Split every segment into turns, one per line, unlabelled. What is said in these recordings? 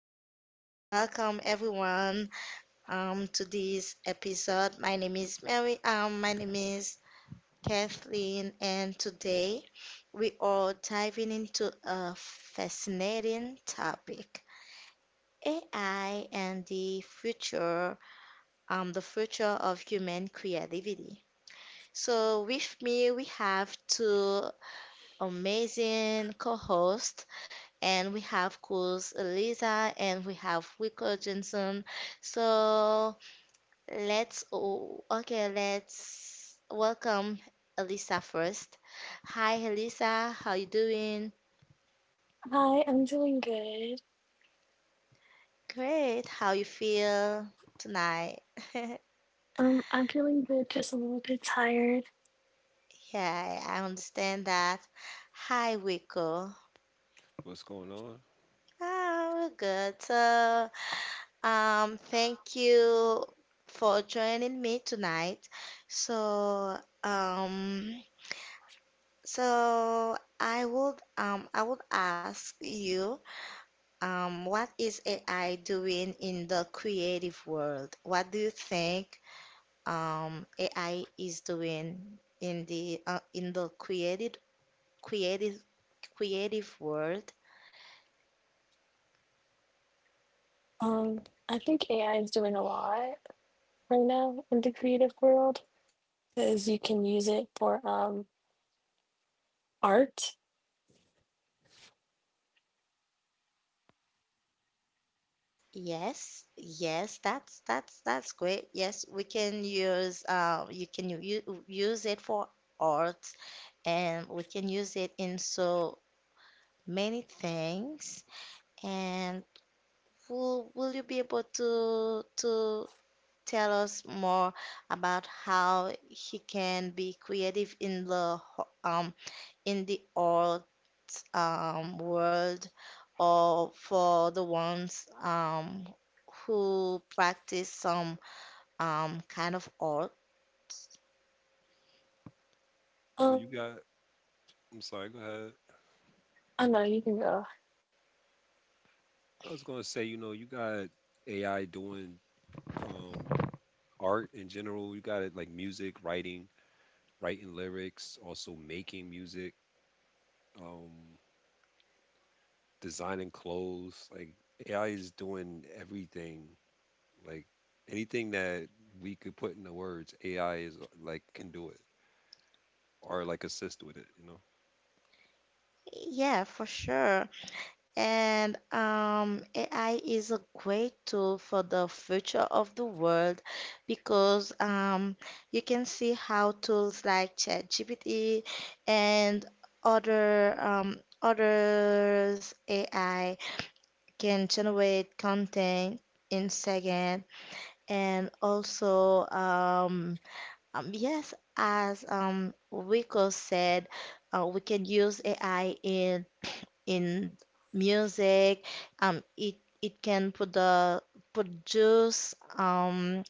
Welcome everyone to this episode. My name is Mary. My name is Kathleen, and today we are diving into a fascinating topic: AI and the future of human creativity. So with me, we have two amazing co-hosts. And we have Kuz Eliza, and we have Wiko Johnson. So let's welcome Elisa first. Hi, Elisa, how you doing?
Hi, I'm doing good.
Great, how you feel tonight?
I'm feeling good, just a little bit tired.
Yeah, I understand that. Hi, Wiko.
What's going on?
Ah, we're good. Thank you for joining me tonight. So, um, So I would ask you what is AI doing in the creative world? What do you think AI is doing in the creative creative world?
Um, I think AI is doing a lot right now in the creative world because you can use it for art.
Yes, yes, that's great. Yes, we can use you can use it for art, and we can use it in so many things. And will you be able to tell us more about how he can be creative in the in the art world, or for the ones who practice some kind of art?
But
Um,
you got, I'm sorry, go ahead.
I know you can go.
I was going to say, you know, you got AI doing um, art in general. You got it like music, writing, writing lyrics, also making music, um, designing clothes. Like AI is doing everything. Like anything that we could put into words, AI is like can do it or like assist with it, you know?
Yeah, for sure. And AI is a great tool for the future of the world, because you can see how tools like ChatGPT and other others AI can generate content in second, and also yes, as Rico said, we can use AI in music. It can put the produce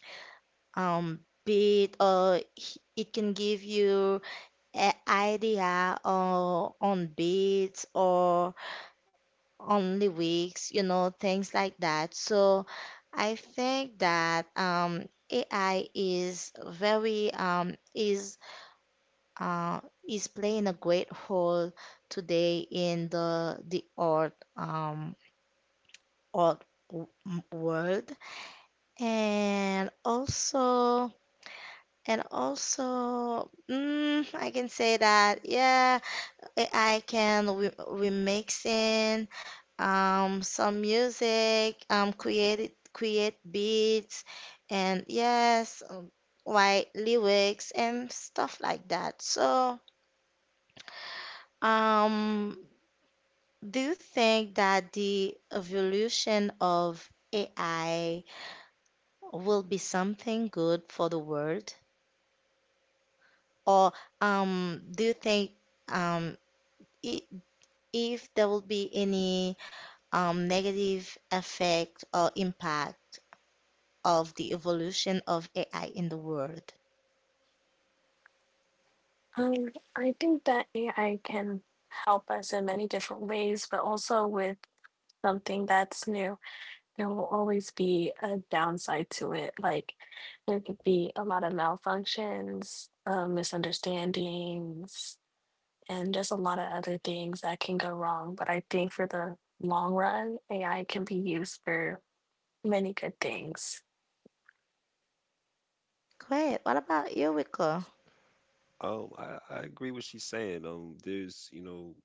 um beat, or it can give you an idea or on beats or on lyrics, you know, things like that. So I think that AI is very uh is playing a great role today in the art old world, and also I can say that yeah I can re remix in some music, create beats and yes like lyrics and stuff like that. So um do you think that the evolution of AI will be something good for the world? Or do you think um, i- if there will be any negative effect or impact of the evolution of AI in the world?
I think that AI can help us in many different ways, but also with something that's new, there will always be a downside to it. Like there could be a lot of malfunctions, misunderstandings and there's a lot of other things that can go wrong. But I think for the long run, AI can be used for many good things.
Great. What about you, Rico?
I agree with she's saying. There's, you know,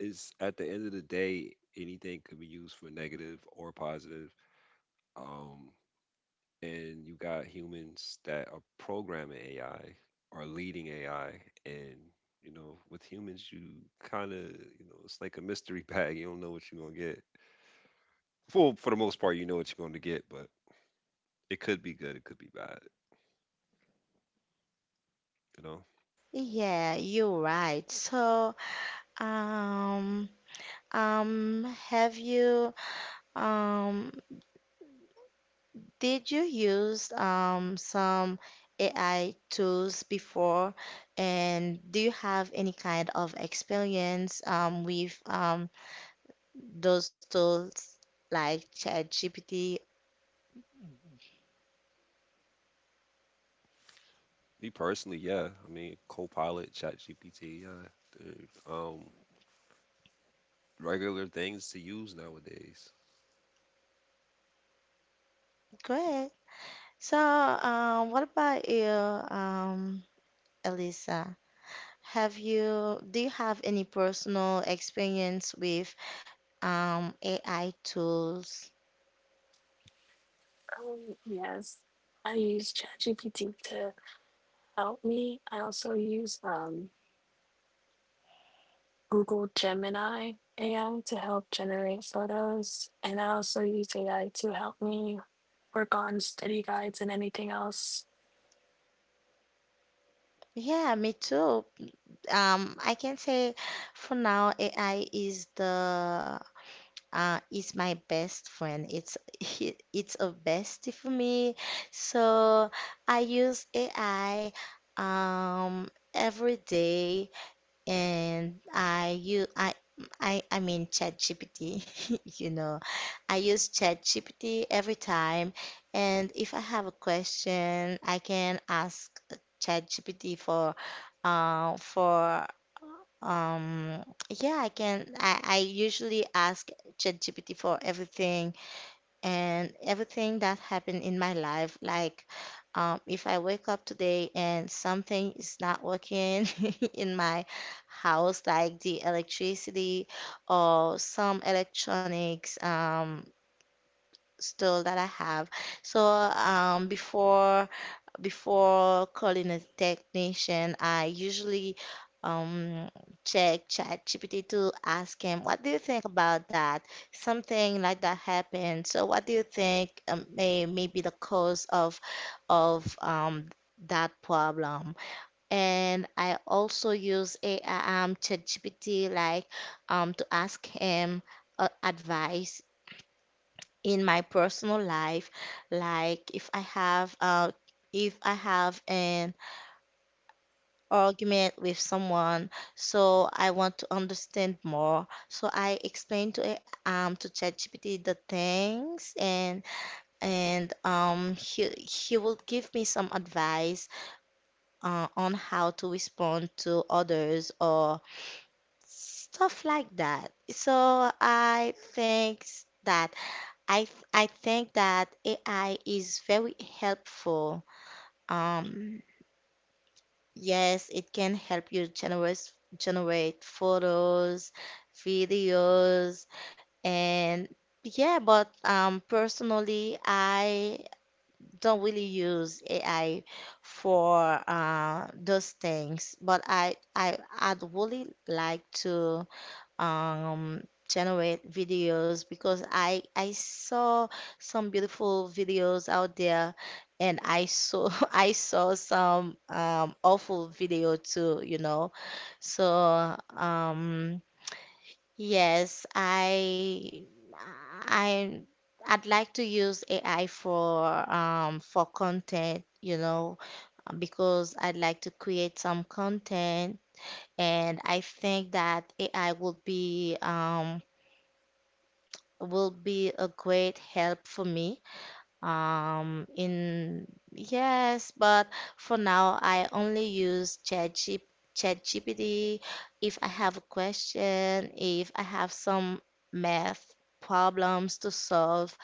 it's at the end of the day, anything could be used for negative or positive. Um, and you got humans that are programming AI or leading AI, and you know, with humans, you kind of, you know, it's like a mystery bag. You don't know what you're gonna get. For the most part, you know what you're gonna get, but it could be good, it could be bad. You know,
Yeah, you're right. Um, um, have you um Did you use some AI tools before? And do you have any kind of experience with those tools like ChatGPT?
me personally, yeah. I mean, Copilot, ChatGPT, yeah, they're regular things to use nowadays.
Great. So, what about you, Elisa? Do you have any personal experience with AI tools?
Yes, I use ChatGPT to help me. I also use Google Gemini AI to help generate photos, and I also use AI to help me work on study guides and anything else.
Yeah, me too. I can say for now AI is the is my best friend. It's it's a bestie for me. So I use AI um, every day, and I use I. I mean ChatGPT, you know. I use ChatGPT every time, and if I have a question, I can ask ChatGPT for uh, for um, yeah, I usually ask ChatGPT for everything and everything that happened in my life. Like, if I wake up today and something is not working in my house, like the electricity or some electronics, store that I have. So, um, before. Before calling a technician, I usually um, check ChatGPT to ask him, what do you think about that? Something like that happened. So what do you think may be the cause of of um, that problem? And I also use AI, ChatGPT, like to ask him advice in my personal life, like if I have an argument with someone, so I want to understand more. So I explained to it, to ChatGPT the things, and he will give me some advice on how to respond to others or stuff like that. So that I I think that AI is very helpful. Um, Yes, it can help you generate photos, videos, and yeah, but personally I don't really use AI for those things, but I'd really like to um, generate videos, because I saw some beautiful videos out there, and I saw I saw some awful video too, you know. So yes, I I'd like to use AI for content, you know, because I'd like to create some content. And I think that AI will be a great help for me. Um, in yes, but for now I only use ChatGPT. ChatGPT if I have a question, if I have some math problems to solve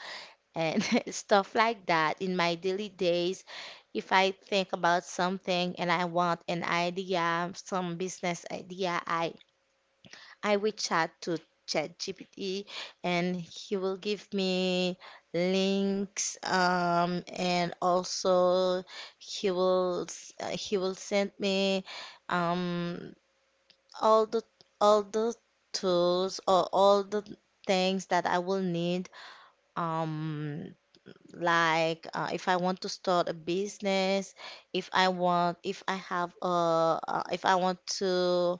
and stuff like that in my daily days. If I think about something and I want an idea, some business idea, I will chat to ChatGPT, and he will give me links, and also he will send me um, all the all the tools or all the things that I will need, um like if I want to start a business, if I want if I have a if I want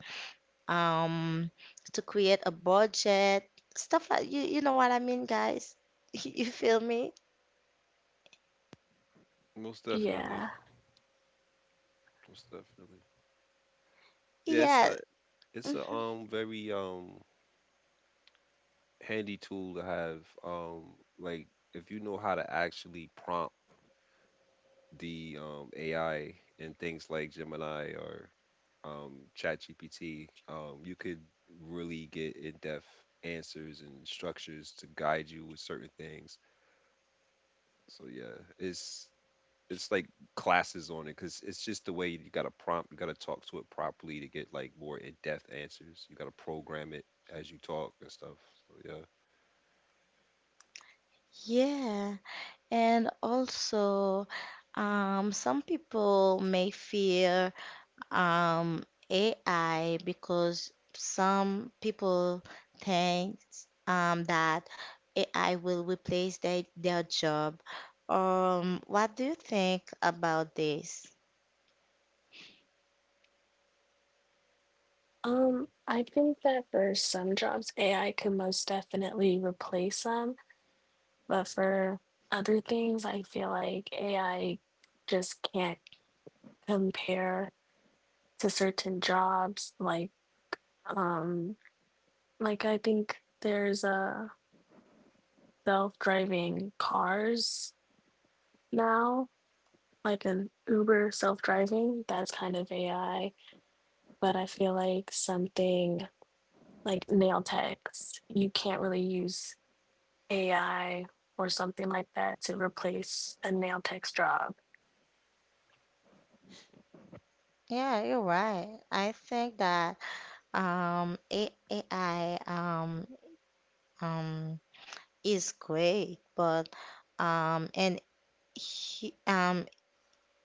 um, to create a budget, stuff like you know what I mean, guys? You feel me?
Most definitely.
Yeah.
Most definitely. Yeah, it's
Yeah.
a it's a very handy tool to have. Like if you know how to actually prompt the AI and things like Gemini or ChatGPT, you could really get in-depth answers and structures to guide you with certain things. So yeah, it's like classes on it because it's just the way you got to prompt, you got to talk to it properly to get like more in-depth answers. You got to program it as you talk and stuff. So yeah.
Yeah, and also, some people may fear AI, because some people think that AI will replace their job. What do you think about this?
I think that for some jobs, AI could most definitely replace some, but for other things, I feel like AI just can't compare to certain jobs. Um, like I think there's a self-driving cars now, like an Uber self-driving. That's kind of AI. But I feel like something like nail techs, you can't really use AI or something like that to replace a nail tech's job.
Yeah, you're right. I think that AI um, is great, but um, and he, um,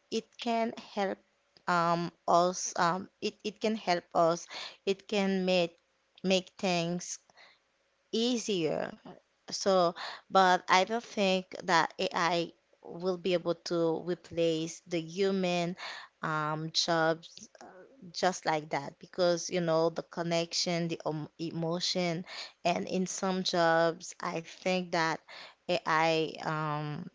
it can help us. It can help us. It can make things easier. So, but I don't think that AI will be able to replace the human jobs, just like that, because you know the connection, the emotion, and in some jobs, I think that AI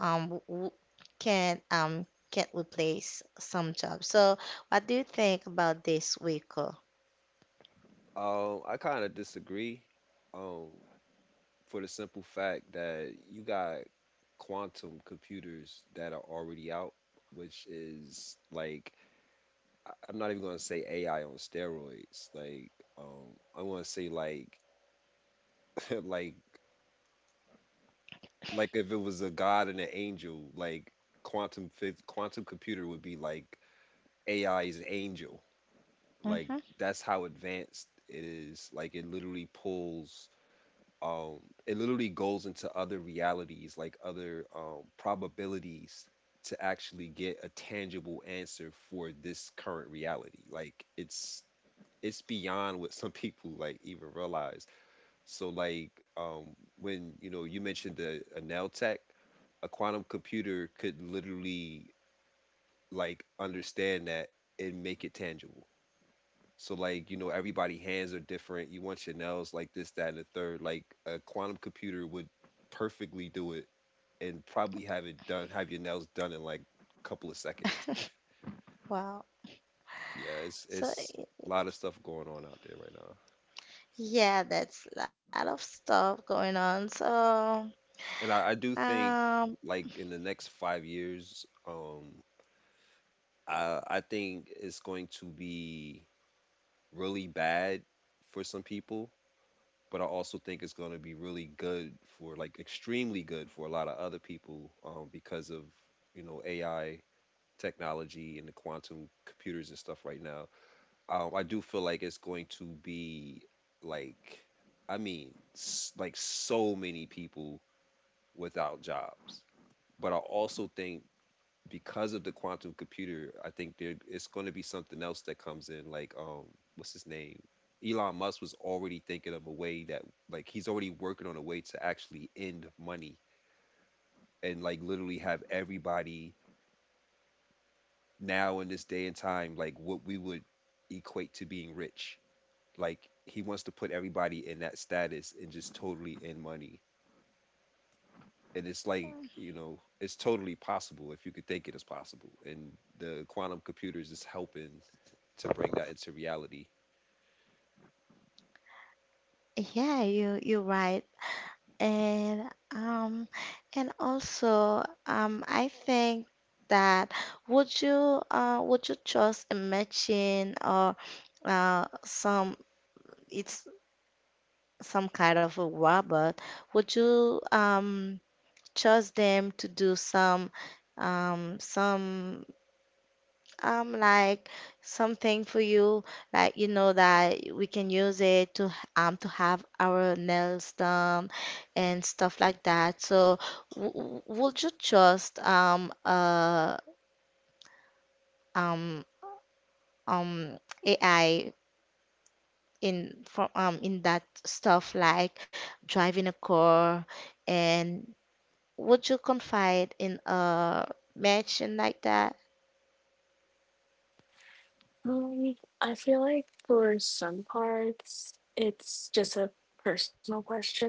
um, w- w- can't replace some jobs. So, what do you think about this, Rico?
I kind of disagree. Um, for the simple fact that you got quantum computers that are already out, which is like I'm not even gonna say AI on steroids. Like, I want to say like like like if it was a god and an angel, like quantum computer would be like AI is an angel. Like
Mm-hmm.
that's how advanced it is. Like it literally pulls um it literally goes into other realities, like other probabilities to actually get a tangible answer for this current reality. Like it's beyond what some people like even realize. So like when you know you mentioned the a nail tech, a quantum computer could literally like understand that and make it tangible. So like you know everybody hands are different. You want your nails like this, that, and the third. Like a quantum computer would perfectly do it and probably have it done, have your nails done in like a couple of seconds.
Wow.
Yeah, it's
So
it's a lot of stuff going on out there right now,
yeah, that's a lot of stuff going on. So,
and I do think
um,
like in the next 5 years, I think it's going to be really bad for some people, but I also think it's going to be really good for like extremely good for a lot of other people because of you know AI technology and the quantum computers and stuff right now. I do feel like it's going to be like I mean like so many people without jobs, but I also think because of the quantum computer, I think there it's going to be something else that comes in. Like, what's his name? Elon Musk was already thinking of a way that, like, he's already working on a way to actually end money and, like, literally have everybody now in this day and time, like, what we would equate to being rich. Like, he wants to put everybody in that status and just totally end money. And it's like, you know, it's totally possible if you could think it is possible. And the quantum computers is helping to bring that into reality.
yeah, you you're right. And um also I think that would you trust a imagine, or some it's some kind of a robot, would you trust them to do some um some like something for you, like you know that we can use it to have our nails done and stuff like that. So would you trust um um AI in from in that stuff like driving a car, and would you confide in a machine like that?
Um, I feel like for some parts, it's just a personal question.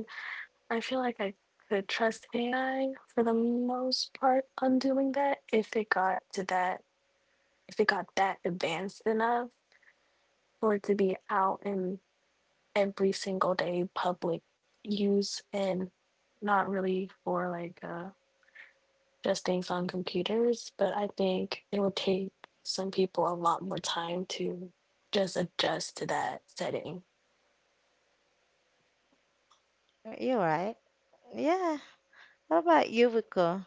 I feel like I could trust AI for the most part on doing that if it got to that, if it got that advanced enough for it to be out in every single day public use and not really for just things on computers. But I think it would take some people a lot more time to just adjust to that setting.
You're right. Yeah. What about you, Rico?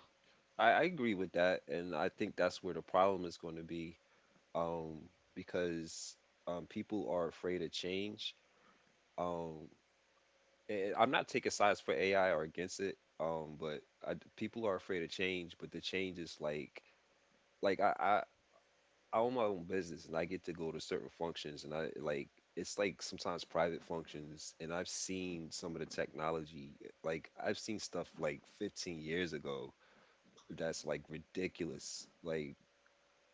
I agree with that, and I think that's where the problem is going to be, um, because people are afraid of change. Um, and I'm not taking sides for AI or against it, but people are afraid of change. But the change is like, like I, I, I own my own business, and I get to go to certain functions, and I like it's like sometimes private functions, and I've seen some of the technology, like I've seen stuff like 15 years ago that's like ridiculous. Like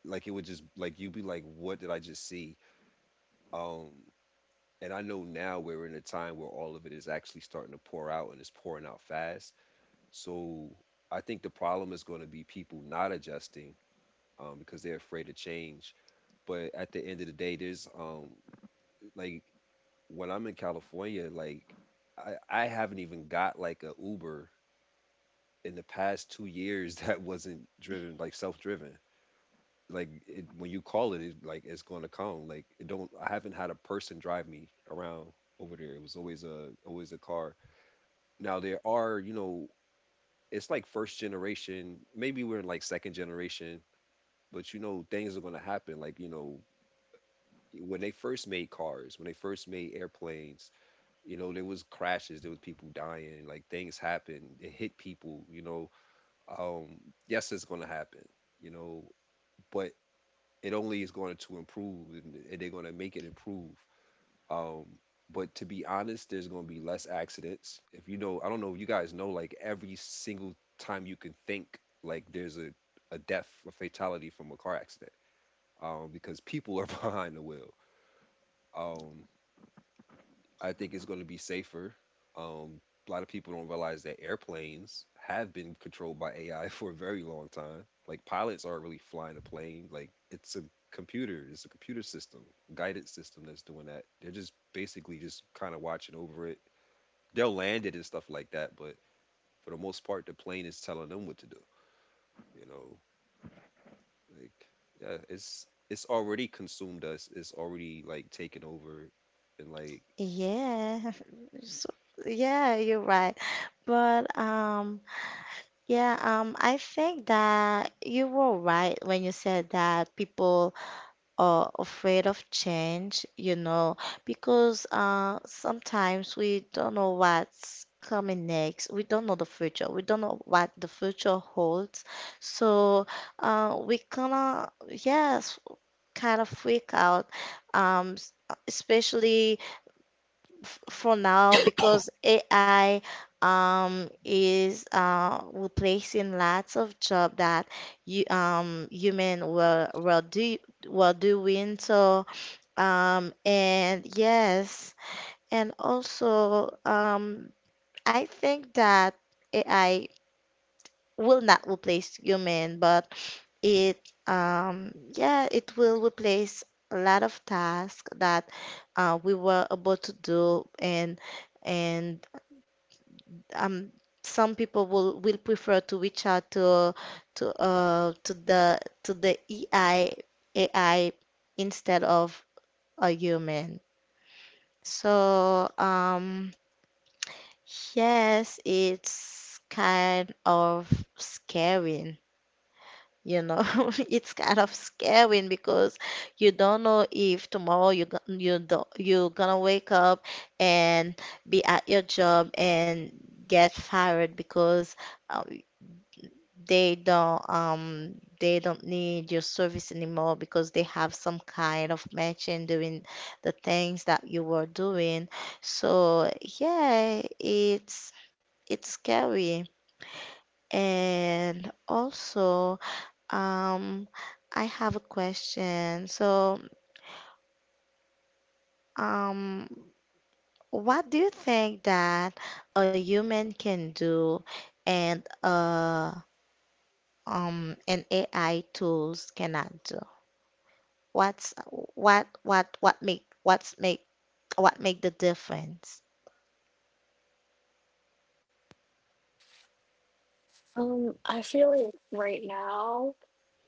like it would just like you'd be like, what did I just see? Um, and I know now we're in a time where all of it is actually starting to pour out and it's pouring out fast. So I think the problem is going to be people not adjusting because they're afraid of change. But at the end of the day, there's like when I'm in California, like I haven't even got like a Uber in the past 2 years that wasn't driven like self driven. Like it, when you call it, it like it's going to come. Like it don't. I haven't had a person drive me around over there. It was always a car. Now there are you know it's like first generation. Maybe we're in like second generation, but you know things are going to happen. Like you know when they first made cars, when they first made airplanes, you know there was crashes, there was people dying. Like things happened. It hit people. You know, um, yes, it's going to happen. You know, but it only is going to improve and they're going to make it improve um but to be honest there's going to be less accidents if you know I don't know if you guys know like every single time you can think like there's a death a fatality from a car accident because people are behind the wheel um I think it's going to be safer. Um, a lot of people don't realize that airplanes have been controlled by AI for a very long time. Like pilots aren't really flying a plane. Like it's a computer system, guided system that's doing that. They're just basically just kind of watching over it. They'll land it and stuff like that, but for the most part, the plane is telling them what to do. You know, like yeah, it's already consumed us. It's already like taken over, and like
Yeah, so, yeah, you're right. But yeah, I think that you were right when you said that people are afraid of change, you know, because sometimes we don't know what's coming next. We don't know the future. We don't know what the future holds. So we kind of, yes, kind of freak out, um, s- especially for now, because AI is replacing lots of job that you human were do were doing. So and yes, and also I think that AI will not replace human, but it yeah, it will replace a lot of tasks that we were able to do, and and um some people will prefer to reach out to to the AI AI instead of a human. So yes, it's kind of scaring, you know. It's kind of scaring because you don't know if tomorrow you go- you do you're gonna wake up and be at your job and get fired, because um, they don't um they don't need your service anymore, because they have some kind of matching doing the things that you were doing. So yeah, it's scary. And also, um, I have a question. So, um, what do you think that a human can do and an AI tools cannot do? What's what make what's make what make the difference?
I feel like right now,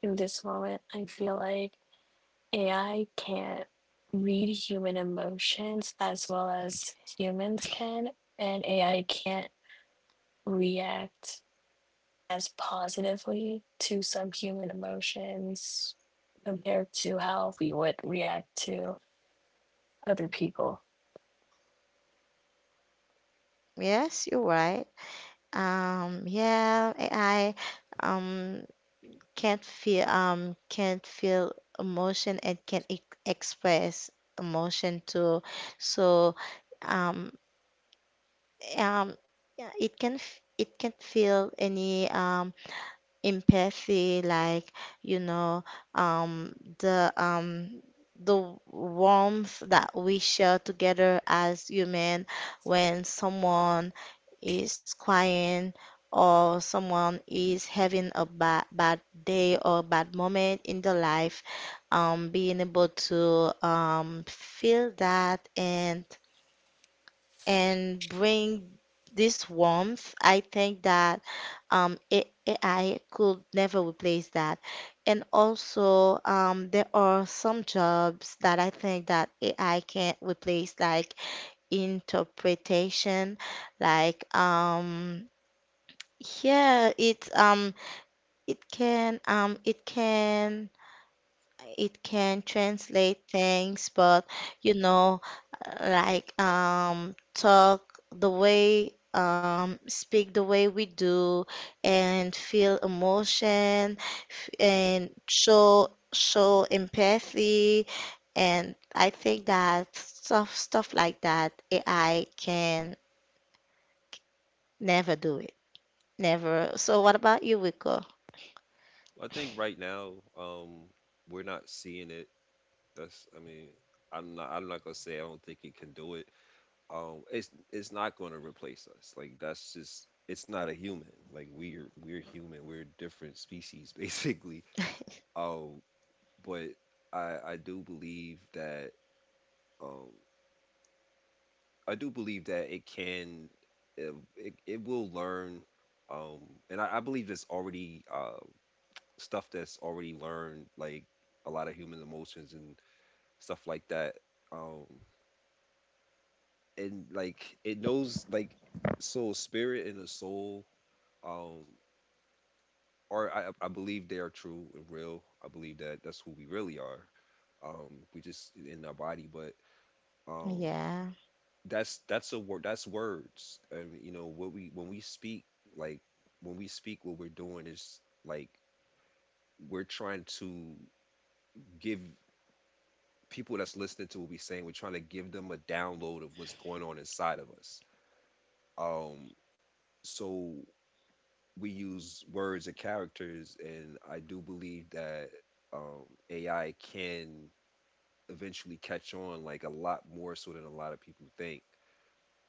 in this moment, I feel like AI can't read human emotions as well as humans can, and AI can't react as positively to some human emotions compared to how we would react to other people.
Yes, you're right. Yeah, AI um can't feel emotion, and can e express emotion too. So um um yeah, it it can feel any empathy, like, you know, um, the um, the warmth that we share together as human when someone is crying, or someone is having a bad day or bad moment in their life, being able to feel that and bring this warmth, I think that AI could never replace that. And also, there are some jobs that I think that AI can't replace, like interpretation, like yeah, it can it can translate things, but you know, like talk the way, speak the way we do, and feel emotion, and show empathy, and I think that stuff like that AI can never do it, never. So what about you, Wiko?
I think right now, we're not seeing it. That's, I mean, I'm not gonna say I don't think it can do it. It's not gonna replace us. Like that's just, it's not a human. We're human. We're different species, basically. Um, but I do believe that, um, I do believe that it can, it will learn. Um, and I believe there's already stuff that's already learned, like a lot of human emotions and stuff like that. Um, and like it knows like so spirit and a soul, um, or I believe they are true and real. I believe that that's who we really are. We just in our body, but um,
Yeah.
that's a word. That's words, and you know what we when we speak like when we speak, what we're doing is like we're trying to give people that's listening to what we're saying, we're trying to give them a download of what's going on inside of us. Um, so we use words and characters and I do believe that AI can eventually catch on like a lot more so than a lot of people think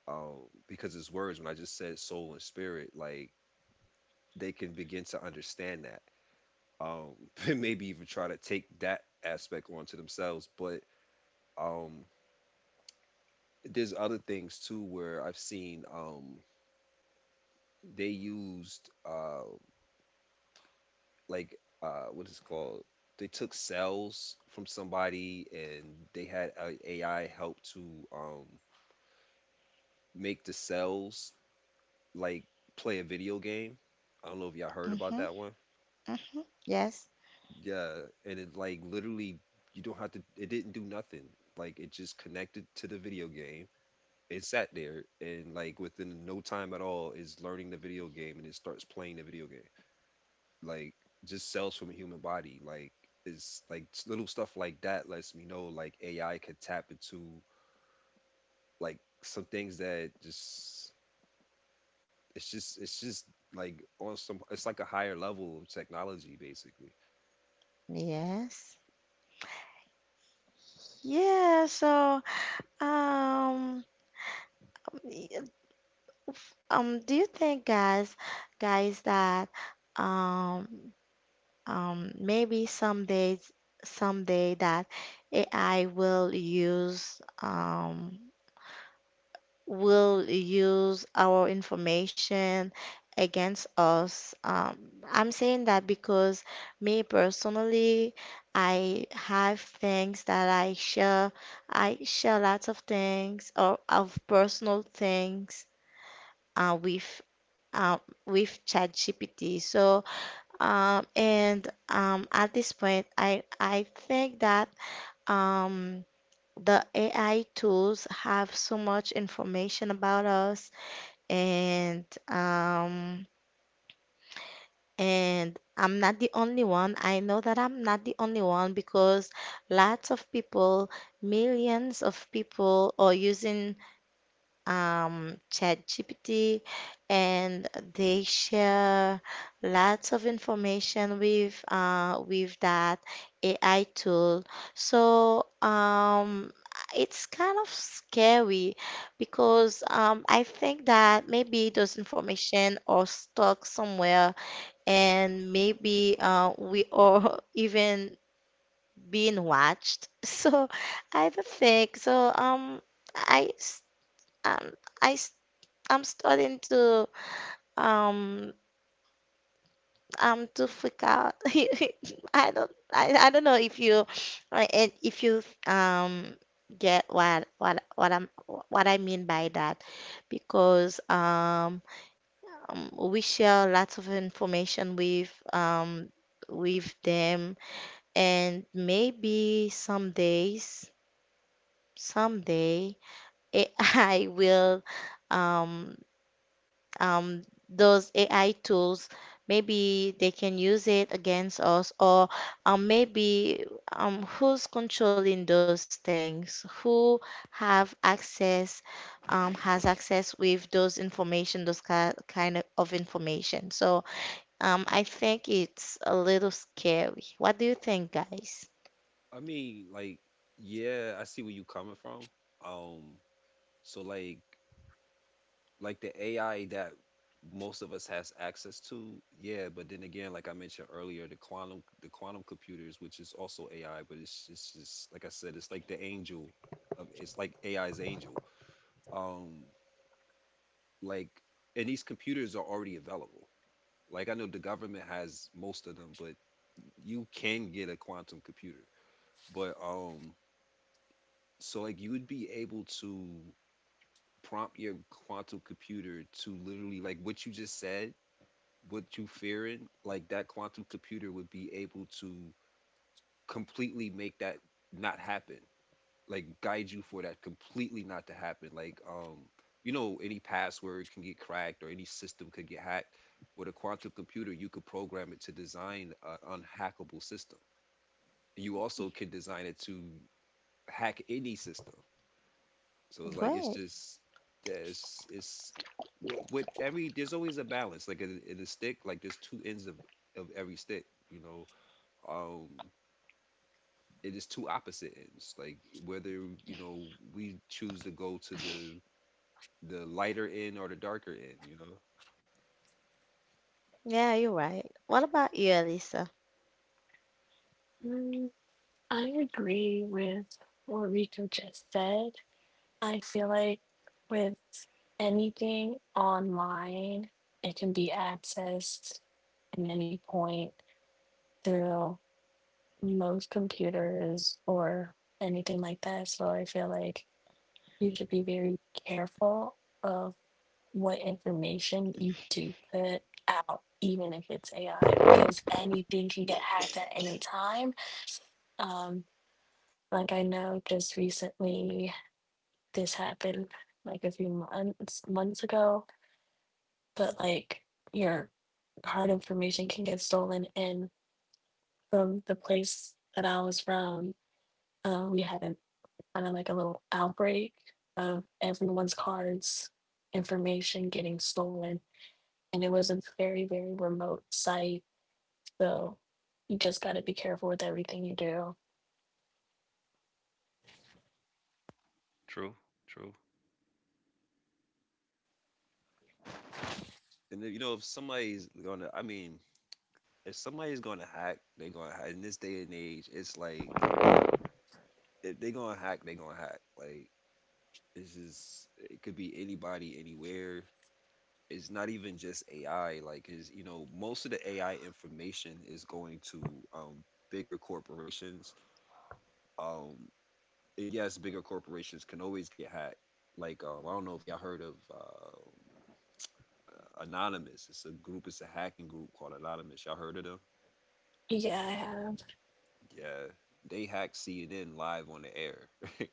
um, because it's words when I just said soul and spirit like they can begin to understand that, um, and maybe even try to take that aspect onto themselves. But um, there's other things too where I've seen they used like what is it called, they took cells from somebody and they had a AI help to make the cells like play a video game. I don't know if y'all heard about
Mm-hmm.
that one.
Mm-hmm. Yes.
Yeah, and it like literally you don't have to it didn't do nothing. Like it just connected to the video game. It sat there and like within no time at all is learning the video game and it starts playing the video game. Like just cells from a human body. Like it's like little stuff like that lets me know like AI could tap into like some things that just like on some it's like a higher level of technology basically.
Yes. Yeah, so Um, y- do you think, guys, that um, maybe someday, that AI will use our information against us? I'm saying that because me personally, I have things that I share. I share lots of things or of personal things uh, with uh, with ChatGPT. So and at this point, I think that um, the AI tools have so much information about us, and um, and I'm not the only one. I know that I'm not the only one because lots of people, millions of people, are using ChatGPT, and they share lots of information with that AI tool. So it's kind of scary because I think that maybe those information are stuck somewhere, and maybe we are even being watched. So I don't think so. I s- um, I I'm starting um to freak out. I don't I don't know if you and if you get what I mean by that because we share lots of information with them and maybe someday AI will um um, those AI tools, maybe they can use it against us, or maybe who's controlling those things? Who have access, has access with those information, those ki kind of information. So I think it's a little scary. What do you think, guys?
I mean like yeah, I see where you coming from. Um so like the AI that most of us has access to, yeah. But then again, like I mentioned earlier, the quantum computers, which is also AI, but it's just like I said, it's like the angel of it's like AI's angel. Um, like and these computers are already available. Like I know the government has most of them, but you can get a quantum computer. But so like you would be able to prompt your quantum computer to literally like what you just said, what you fearing, like that quantum computer would be able to completely make that not happen. Like guide you for that completely not to happen. Any password can get cracked or any system could get hacked. With a quantum computer, you could program it to design an unhackable system. You also can design it to hack any system. So it's
Go
like it's
ahead.
just yeah, it's with what every there's always a balance. Like in a stick, like there's two ends of every stick. Um, it is two opposite ends. Like whether we choose to go to the lighter end or the darker end. You know.
Yeah, you're right. What about you, Elisa?
Mm, I agree with what Rico just said. I feel like with anything online, it can be accessed at any point through most computers or anything like that. So I feel like you should be very careful of what information you do put out, even if it's AI, because anything can get hacked at any time. Um, like I know just recently this happened like a few months ago, but like your hard information can get stolen. And from the place that I was from, we kind of like a little outbreak of everyone's cards, information getting stolen. And it was a very, very remote site. So you just got to be careful with everything you do.
True. And then, if somebody's gonna, I mean, if somebody's gonna hack, they're gonna hack. In this day and age, it's like if they're gonna hack, they're gonna hack. Like it's just it could be anybody, anywhere. It's not even just AI. Like, is most of the AI information is going to um, bigger corporations. Um, and yes, bigger corporations can always get hacked. Like, I don't know if y'all heard of Anonymous. It's a group. It's a hacking group called Anonymous. Y'all heard of them?
Yeah, I have.
Yeah, they hacked CNN live on the air,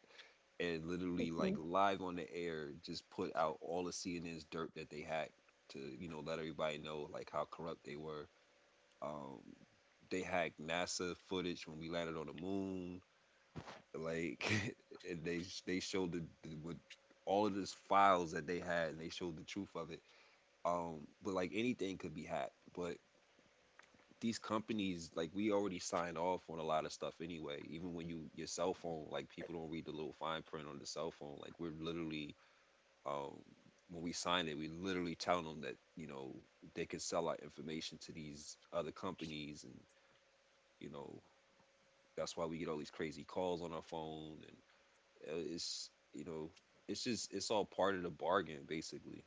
and literally like live on the air, just put out all of CNN's dirt that they hacked to let everybody know like how corrupt they were. Um, they hacked NASA footage when we landed on the moon. Like and they showed the with all of these files that they had, and they showed the truth of it. But like anything could be hacked. But these companies, like we already signed off on a lot of stuff anyway. Even when you your cell phone, like people don't read the little fine print on the cell phone. Like we're literally, um, when we sign it, we literally telling them that they could sell our information to these other companies, and you know that's why we get all these crazy calls on our phone, and it's you know it's just it's all part of the bargain basically.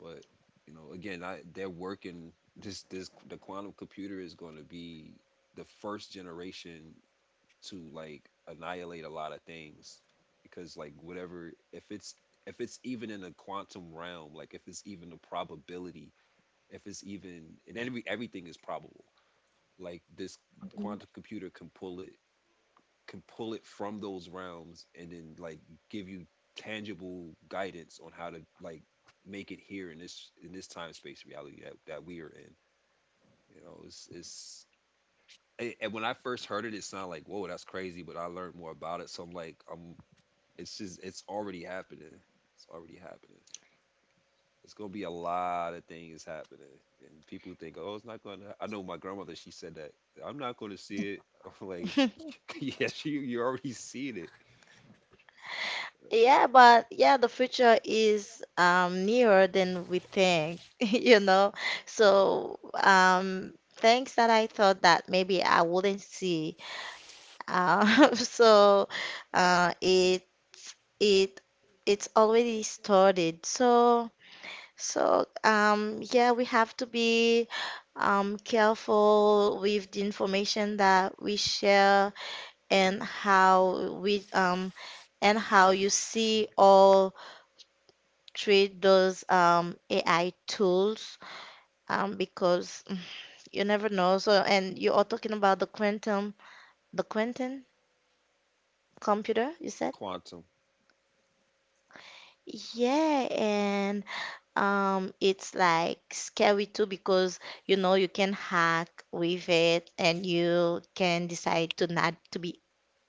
But they're working this the quantum computer is going to be the first generation to like annihilate a lot of things because like whatever if it's even in a quantum realm, like if it's even a probability, if it's even and every everything is probable, like this
Mhm.
quantum computer can pull it, can pull it from those realms and then like give you tangible guidance on how to like make it here in this time space reality that we are in. You know, and when I first heard it, it sounded like, whoa, that's crazy. But I learned more about it, so I'm like, I'm it's just it's already happening. It's already happening. It's gonna be a lot of things happening, and people think, oh, it's not gonna. I know my grandmother. She said that I'm not gonna see it. I'm like, yeah, she you already seen it. Uh,
Yeah, but yeah, the future is nearer than we think, you know. So things that I thought that maybe I wouldn't see. So uh, it it it's already started. So so yeah, we have to be careful with the information that we share and how we and how you see all treat those AI tools because you never know. So, and you are talking about the quantum computer, you said?
Quantum.
Yeah, and it's like scary too because you know you can hack with it and you can decide to not to be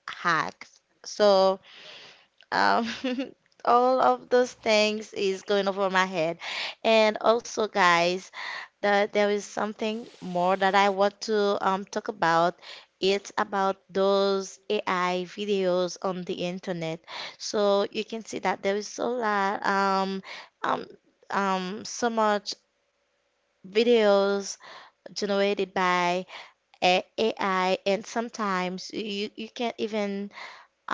hacked. So, Um, all of those things is going over my head. And also, guys, that there is something more that I want to talk about. It's about those AI videos on the internet. So you can see that there is um so much videos generated by AI, and sometimes you can't even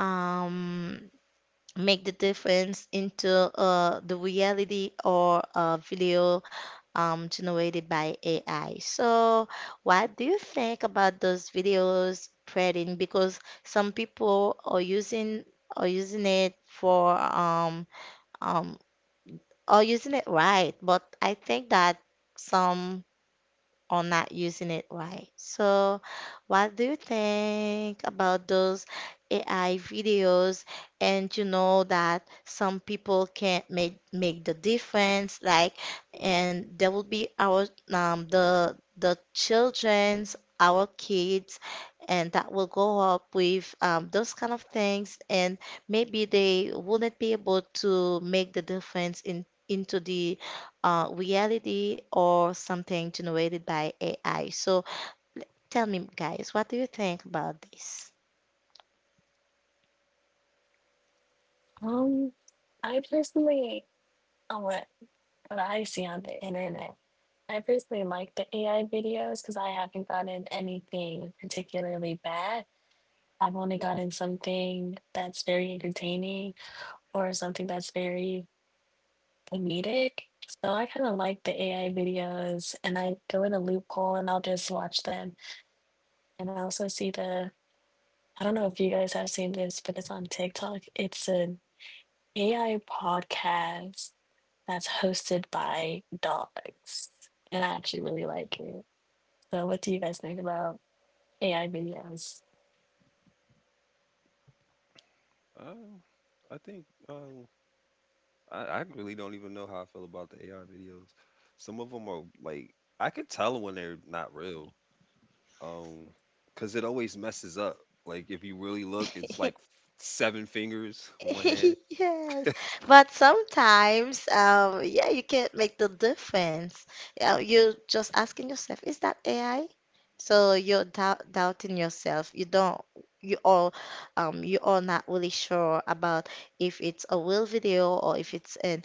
um make the difference into the reality or video generated by AI. So, what do you think about those videos spreading? Because some people are using it for um are using it right, but I think that some or not using it right. So, what do you think about those AI videos? And you know that some people can't make the difference, like, and there will be our the children's our kids and that will go up with those kind of things and maybe they wouldn't be able to make the difference in into the reality or something generated by AI. So tell me, guys, what do you think about this?
Um, I personally, oh, what I see on the internet, I personally like the AI videos because I haven't gotten anything particularly bad. I've only gotten something that's very entertaining or something that's very comedic. So I kind of like the AI videos and I go in a loophole and I'll just watch them. And I also see I don't know if you guys have seen this, but it's on TikTok. It's an AI podcast that's hosted by dogs. And I actually really like it. So what do you guys think about AI videos.
Uh, I think I really don't even know how I feel about the AI videos. Some of them are like I could tell when they're not real, um, because it always messes up. Like if you really look, it's like seven fingers on one hand.
Yes, but sometimes, yeah, you can't make the difference. You're just asking yourself, is that AI? So you're doubting yourself. You don't, you all, you are not really sure about if it's a real video or if it's an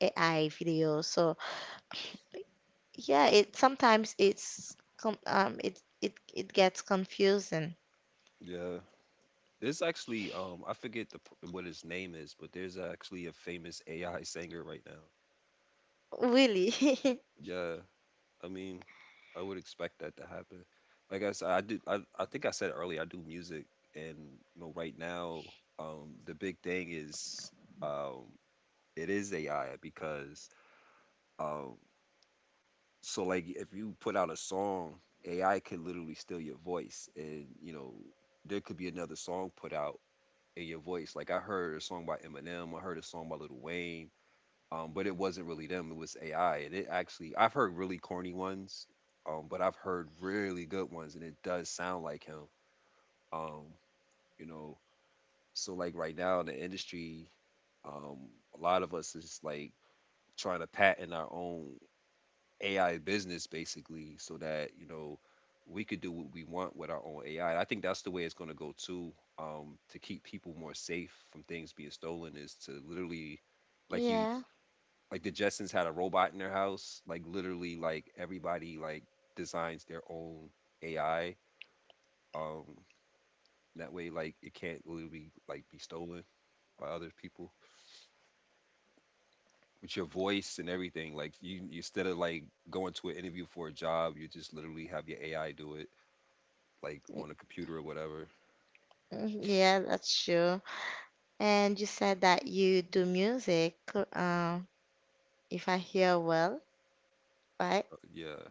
AI video. So yeah, it sometimes it's com it it it gets confusing.
Yeah, there's actually I forget the what his name is, but there's actually a famous AI singer right now.
Really?
Yeah, I mean, I would expect that to happen. Like I said, I think I said earlier, I do music, and you know, right now, the big thing is, um, it is AI because, um, so like if you put out a song, AI could literally steal your voice, and you know, there could be another song put out in your voice. Like I heard a song by Eminem, I heard a song by Lil Wayne, but it wasn't really them. It was AI, and it actually I've heard really corny ones, but I've heard really good ones, and it does sound like him. Um, you know, so like right now in the industry, um, a lot of us is like trying to patent our own AI business basically, so that we could do what we want with our own AI. I think that's the way it's going to go too. To keep people more safe from things being stolen is to literally, like you
Yeah.
like the Jetsons had a robot in their house. Like literally, like everybody like designs their own AI. Um, that way, like it can't literally like be stolen by other people with your voice and everything. Like instead of like going to an interview for a job, you just literally have your AI do it, like on a computer or whatever.
mm, Yeah, that's true. And you said that you do music, if I hear well, right?
Yeah.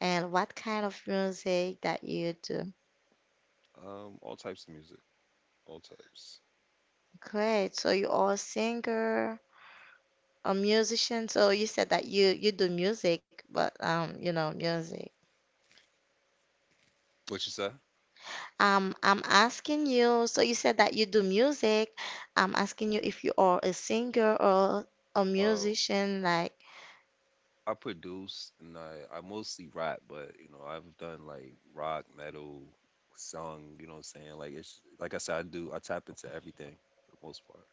And what kind of music that you do?
All types of music, all types.
Great. So you are a singer, a musician. So you said that you do music, but you know, music.
What you say?
I'm asking you, so you said that you do music. I'm asking you if you are a singer or a
Um,
musician, like
I produce and I mostly rap, but you know, I've done like rock, metal, song, you know what I'm saying? Like it's like I said, I tap into everything for the most part.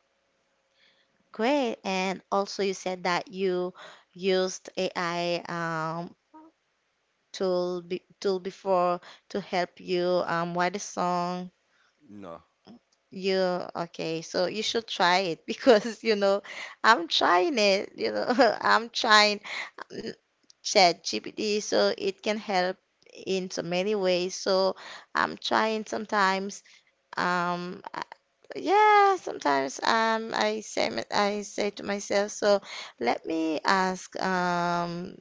great. And also you said that you used AI tool before to help you write a song.
No.
You okay, so you should try it because you know I'm trying it, you know, I'm trying. ChatGPT, so it can help in so many ways. So I'm trying sometimes. Um, I- yeah, sometimes I say I say to myself, so let me ask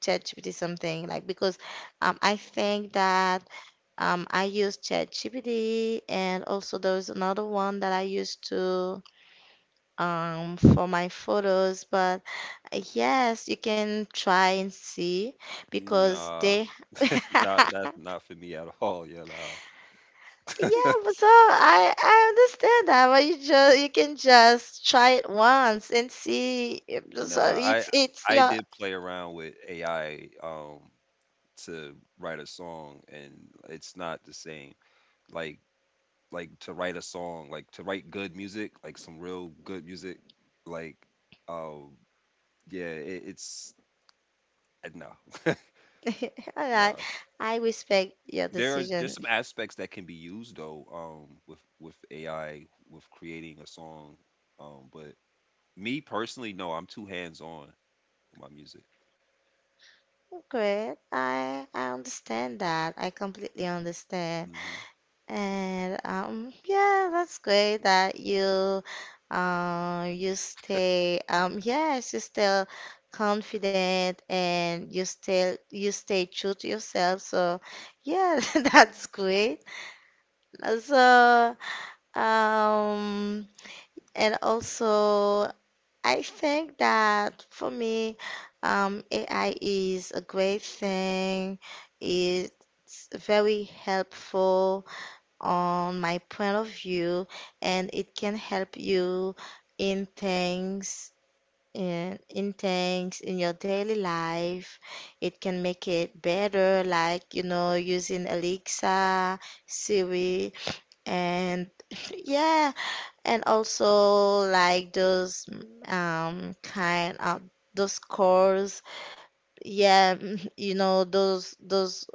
ChatGPT something like because I think that I use ChatGPT and also there was another one that I used to for my photos, but yes, you can try and see because
Nah.
they.
Not that's not for me at all. Yeah, nah.
Yeah, but so I understand that, but you just you can just try it once and see. So
Nah, I
it's
I
your
did play around with AI to write a song, and it's not the same. Like like to write a song, like to write good music, like some real good music, like um Yeah, it, it's no,
all right.
no.
I respect your
There's
decision.
some aspects that can be used though, with AI with creating a song, but me personally, no, I'm too hands on with my music.
Great. I understand that. I completely understand.
Hmm.
And yeah, that's great that you you stay yes, you still confident and you stay true to yourself. So yeah, that's great. So um and also I think that for me AI is a great thing. It's very helpful on my point of view and it can help you in things in things in your daily life. It can make it better like you know using Alexa, Siri, and yeah and also like those um kind of those calls. Yeah, you know those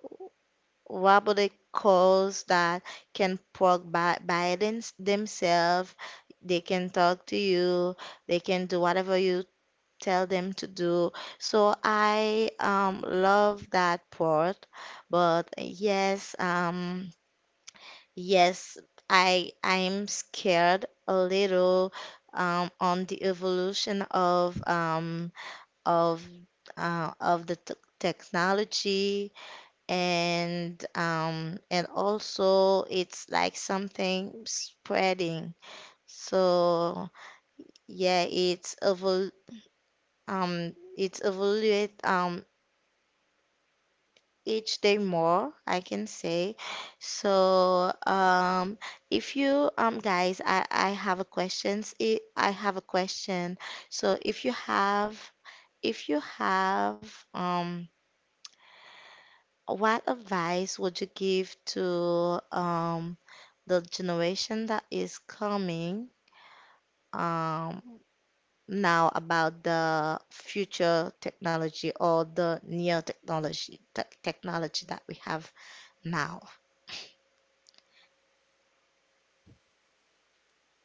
what would it cause that can talk by them, themselves. They can talk to you. They can do whatever you tell them to do. So I love that part. But yes, yes, I I'm scared a little on the evolution of of of the t technology and also it's like something spreading so yeah it's evaluate each day more I can say. So if you guys I have a questions I have a question. So if you have what advice would you give to the generation that is coming um, now about the future technology or the near technology, the technology that we have now.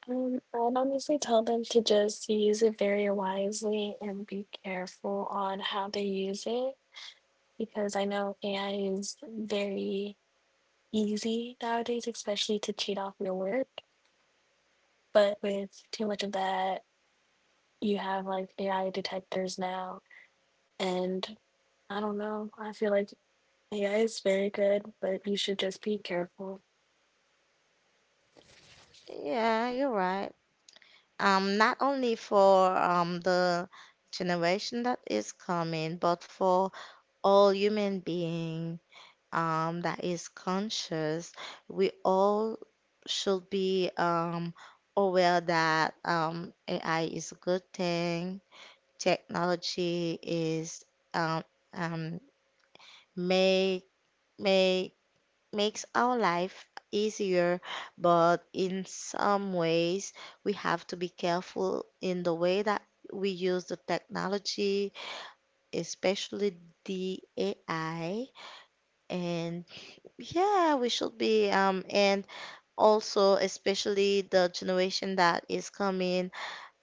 I'd honestly tell them to just use it very wisely and be careful on how they use it because I know AI is very easy nowadays, especially to cheat off your work. But with too much of that, you have like AI detectors now. And I don't know, I feel like AI is very good, but you should just be careful.
Yeah, you're right. Not only for the generation that is coming, but for all human being that is conscious, we all should be aware that AI is a good thing, technology is um, um, make make makes our life easier, but in some ways we have to be careful in the way that we use the technology, especially the AI. And yeah, we should be and also especially the generation that is coming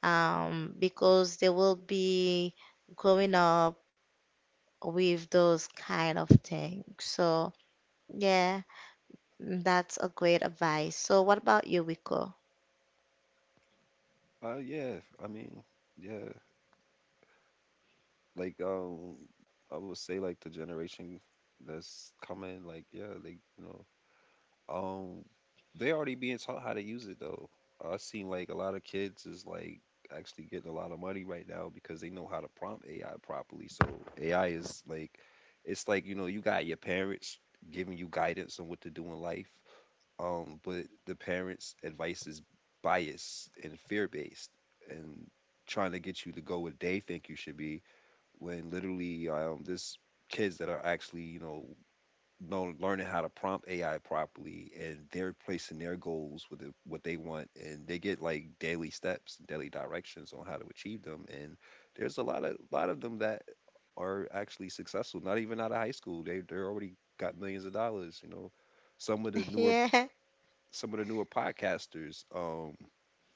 because they will be growing up with those kind of things. So, yeah, that's a great advice. So, what about you, Rico?
Uh, yeah, I mean, yeah, like um, I would say like the generation that's coming, like yeah, they you know Um, they already being taught how to use it though. I seen like a lot of kids is like actually getting a lot of money right now because they know how to prompt AI properly. So AI is like, it's like you got your parents giving you guidance on what to do in life. But the parents' advice is biased and fear based and trying to get you to go where they think you should be when literally there's kids that are actually, learning how to prompt AI properly, and they're placing their goals with what they want, and they get like daily steps and daily directions on how to achieve them. And there's a lot of them that are actually successful. Not even out of high school, they already got millions of dollars. You know, some of the newer
Yeah,
some of the newer podcasters,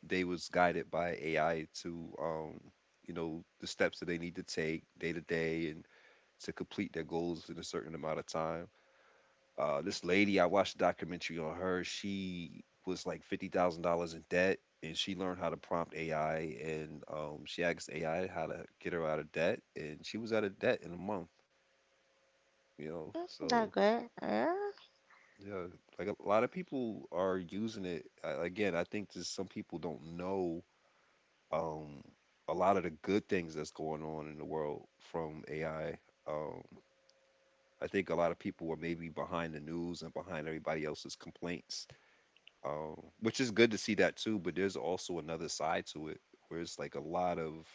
they was guided by AI to the steps that they need to take day to day and to complete their goals in a certain amount of time. This lady, I watched a documentary on her. She was like $50,000 in debt, and she learned how to prompt AI, and she asked AI how to get her out of debt, and she was out of debt in a month. You know,
that
so
good. Yeah.
yeah, like a lot of people are using it. Again, I think just some people don't know um, a lot of the good things that's going on in the world from AI. Um, I think a lot of people are maybe behind the news and behind everybody else's complaints, which is good to see that too. But there's also another side to it where it's like a lot of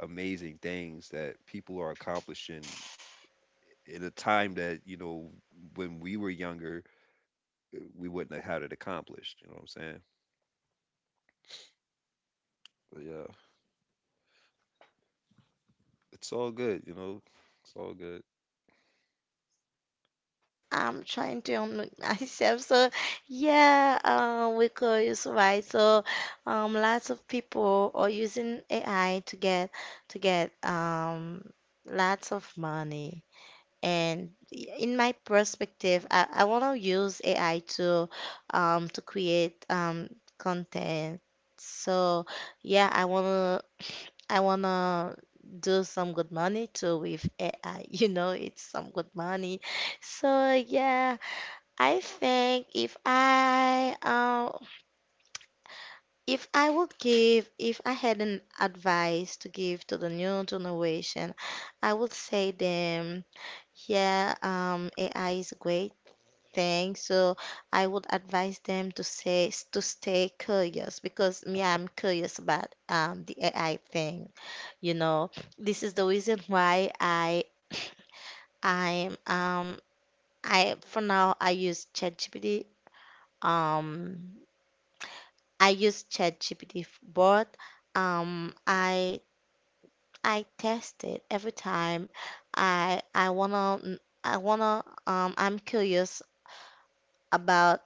amazing things that people are accomplishing in a time that when we were younger, eh, we wouldn't have had it accomplished. You know what I'm saying? But yeah, it's all good. You know, it's all good.
I'm trying to unmute myself. So, yeah, Rico is right. So, lots of people are using AI to get lots of money. And in my perspective, I want to use AI to create content. So yeah, I wanna do some good money too with AI. You know, it's some good money. So yeah, I think if I would give if I had an advice to give to the new generation, I would say them. Yeah, AI is great thing. So I would advise them to say to stay curious because me, I'm curious about the AI thing. You know, this is the reason why I I'm I for now I use ChatGPT. Um, I use ChatGPT, but um I I test it every time. I wanna I'm curious about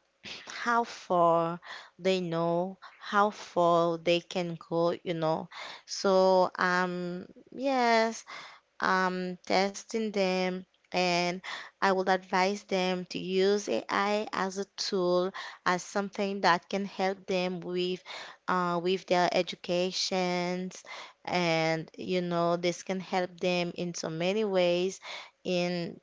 how far they know, how far they can go, you know. So, yes, I'm testing them and I will advise them to use AI as a tool, as something that can help them with their educations and you know this can help them in so many ways in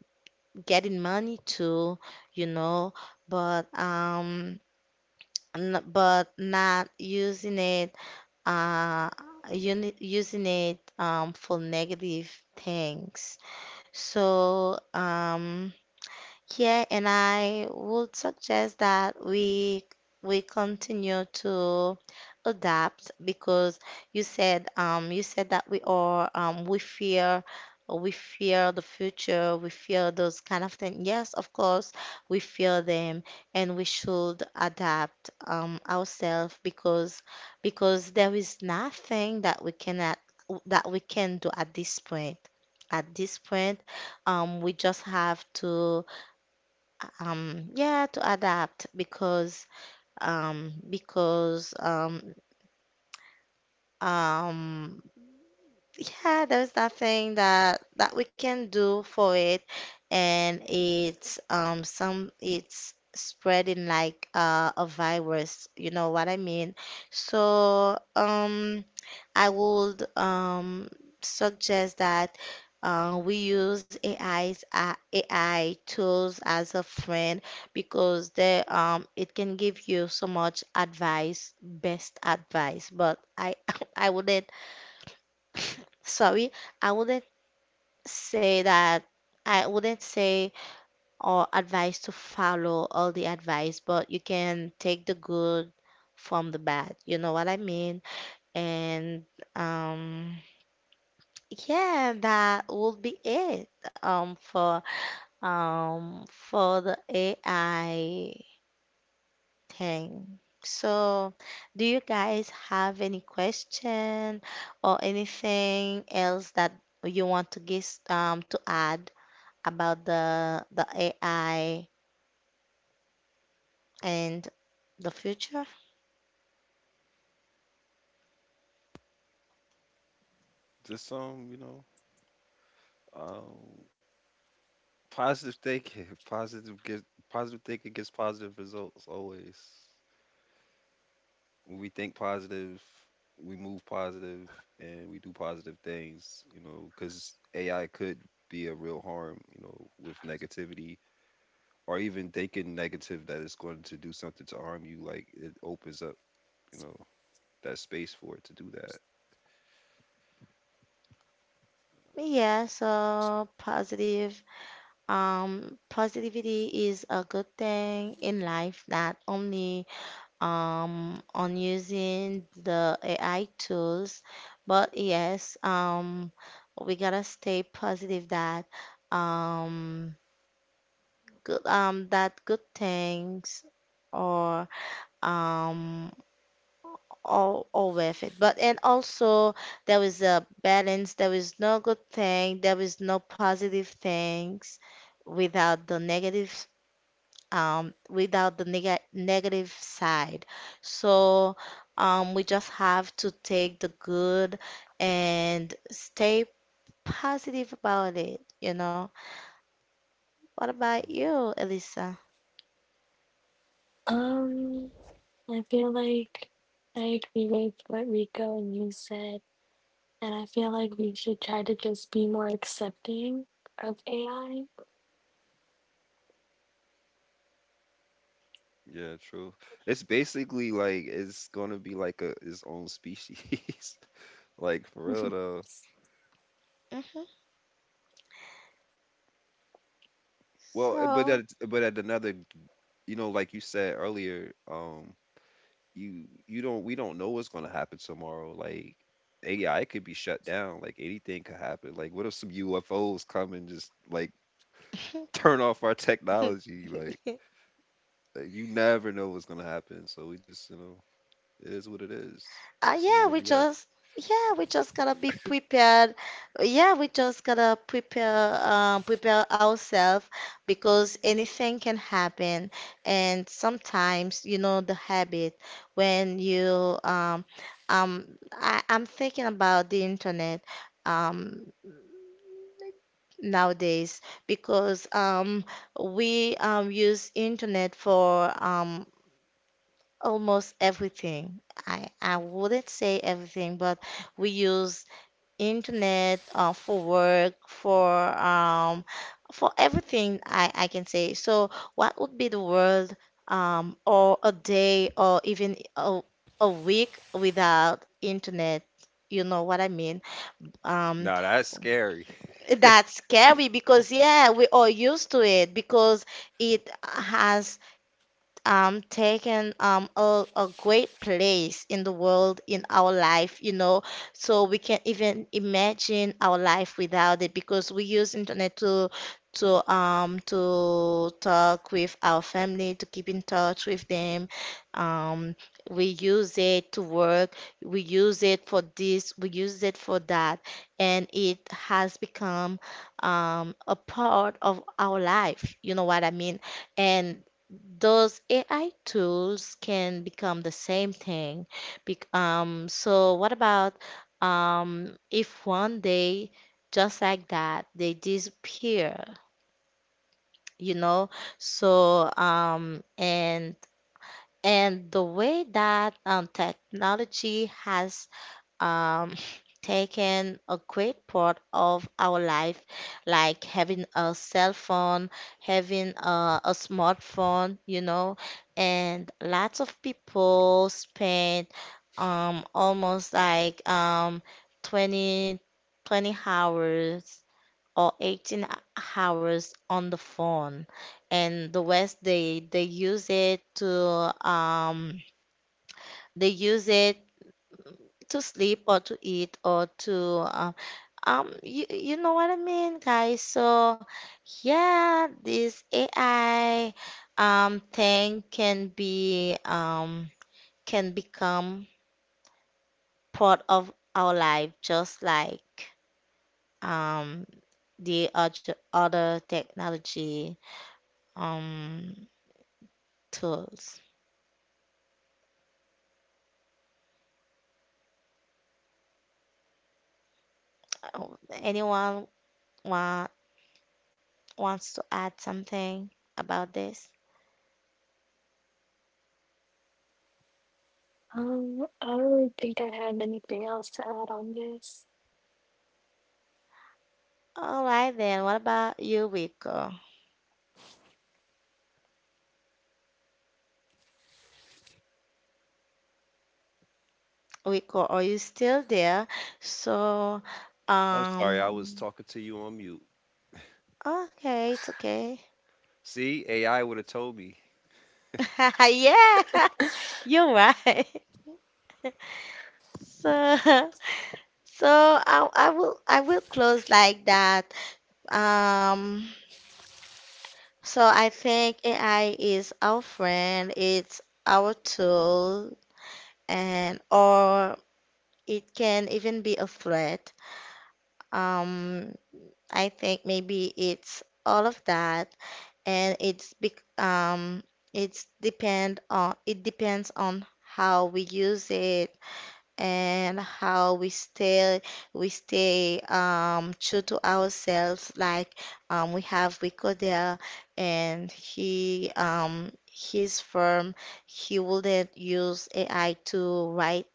getting money too, you know, but but not using it, uh, using it for negative things. So. Yeah, and I would suggest that we continue to adapt because you said that we are we fear the future, we fear those kind of things. Yes, of course, we fear them and we should adapt ourselves because there is nothing that we cannot that we can do at this point. At this point, we just have to yeah to adapt because um yeah there's nothing that we can do for it. And it's some it's spreading like a virus. You know what I mean? So I would, suggest that, we use AI tools as a friend, because they it can give you so much advice, best advice. But I I wouldn't, sorry, I wouldn't say that. I wouldn't say or advice to follow all the advice, but you can take the good from the bad. You know what I mean? And um. Yeah, that would be it um for for the AI thing. So, do you guys have any question or anything else that you want to guess to add about the AI and the future?
Just um, positive thinking, positive thinking gets positive results always. When we think positive, we move positive, and we do positive things, you know, because AI could be a real harm, you know, with negativity or even thinking negative that it's going to do something to harm you. Like it opens up, you know, that space for it to do that.
Yeah, so positive positivity is a good thing in life that only, on using the AI tools, but yes, we gotta stay positive that, um, good that good things or um all worth it. But and also there is a balance. There is no good thing. There is no positive things without the negative, without the negative side. So, we just have to take the good and stay positive about it. What about
Mhm.
you, Elisa?
Um, I feel like I agree with what Rico and you said, and I feel like we should try to just be more accepting of AI.
Yeah, true. It's basically like it's gonna be like a its own species, like for real though.
Hmm.
Well,
So.
but at another, you know, like you said earlier, you you don't we don't know what's going to happen tomorrow, like AI could be shut down, like anything could happen, like what if some UFOs come and just like turn off our technology, like you never know what's going to happen, so we just you know it is what it is. This is
Yeah,
where we at.
we just gotta be prepared. Yeah, we just gotta prepare ourselves because anything can happen. And sometimes, you know, the habit when you I'm thinking about the internet um nowadays, because we use internet for almost everything. I wouldn't say everything, but we use internet, for work, for, um, for everything I can say. So what would be the world, or a day or even a week without internet? You know what I mean? Um,
Nah, that's scary.
that's scary, because yeah, we are used to it, because it has taken a great place in the world, in our life, you know, so we can even imagine our life without it, because we use internet to talk with our family, to keep in touch with them um we use it to work, we use it for this, we use it for that, and it has become a part of our life. You know what I mean? And those AI tools can become the same thing. So what about, if one day, just like that, they disappear, you know? So and the way that, technology has, um, taken a great part of our life, like having a cell phone, having a smartphone, you know, and lots of people spend, almost like, 20 20 hours or 18 hours on the phone, and the West, they use it to, um they use it to sleep or to eat or to, uh, you, you know what I mean, guys. So yeah, this AI thing can be, can become part of our life, just like um the other technology um tools. Oh, anyone want wants to add something about this?
I don't really think I have anything else to add on this.
All right, then what about you, Rico, are you still there? So,
I'm sorry, I was
um,
talking to you on mute.
okay, it's okay.
See, AI would have told me.
Yeah, you're right. So, so I will close like that. Um, so I think AI is our friend, it's our tool, and or it can even be a threat. Um, I think maybe it's all of that. And it's big. It depends on how we use it and how we stay true to ourselves. Like, we have Rico, and he his firm, he wouldn't use AI to write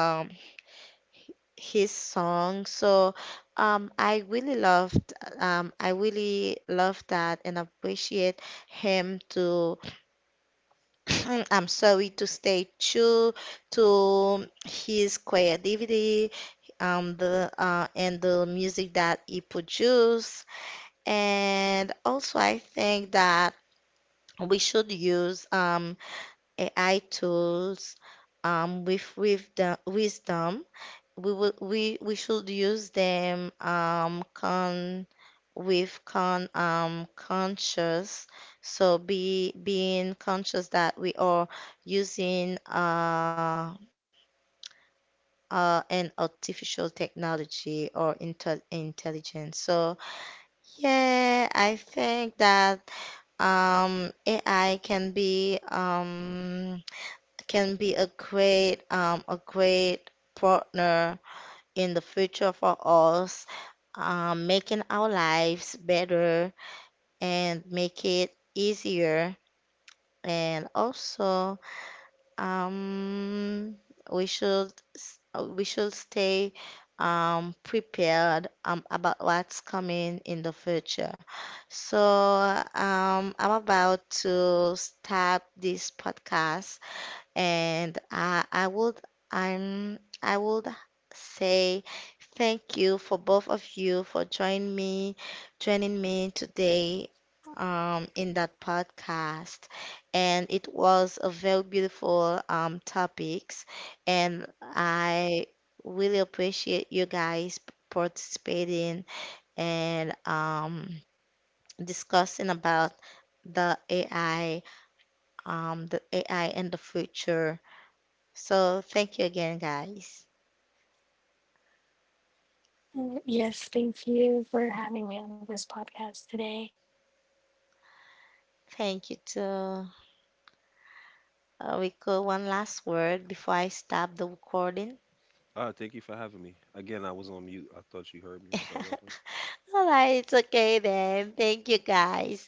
um his song. So, um, I really loved I really love that, and appreciate him to I'm sorry, to stay true to his creativity, the and the music that he produced. And also I think that we should use, AI tools, with the wisdom. We will we should use them, con with, conscious. So, be being conscious that we are using, an artificial technology or intelligence. So yeah, I think that AI can be, can be a great, a great partner in the future for us, making our lives better and make it easier. And also, um, we should stay prepared, about what's coming in the future. So, I'm about to start this podcast, and I would say thank you for both of you for joining me today, in that podcast. And it was a very beautiful, topics, and I really appreciate you guys participating, and, discussing about the AI, the AI and the future. So thank you again, guys.
Yes, thank you for having me on this podcast today.
Thank you too. We go one last word before I stop the recording.
Ah, thank you for having me again. I was on mute. I thought you heard me. I'm sorry, my bad.
All right, it's okay then. Thank you, guys.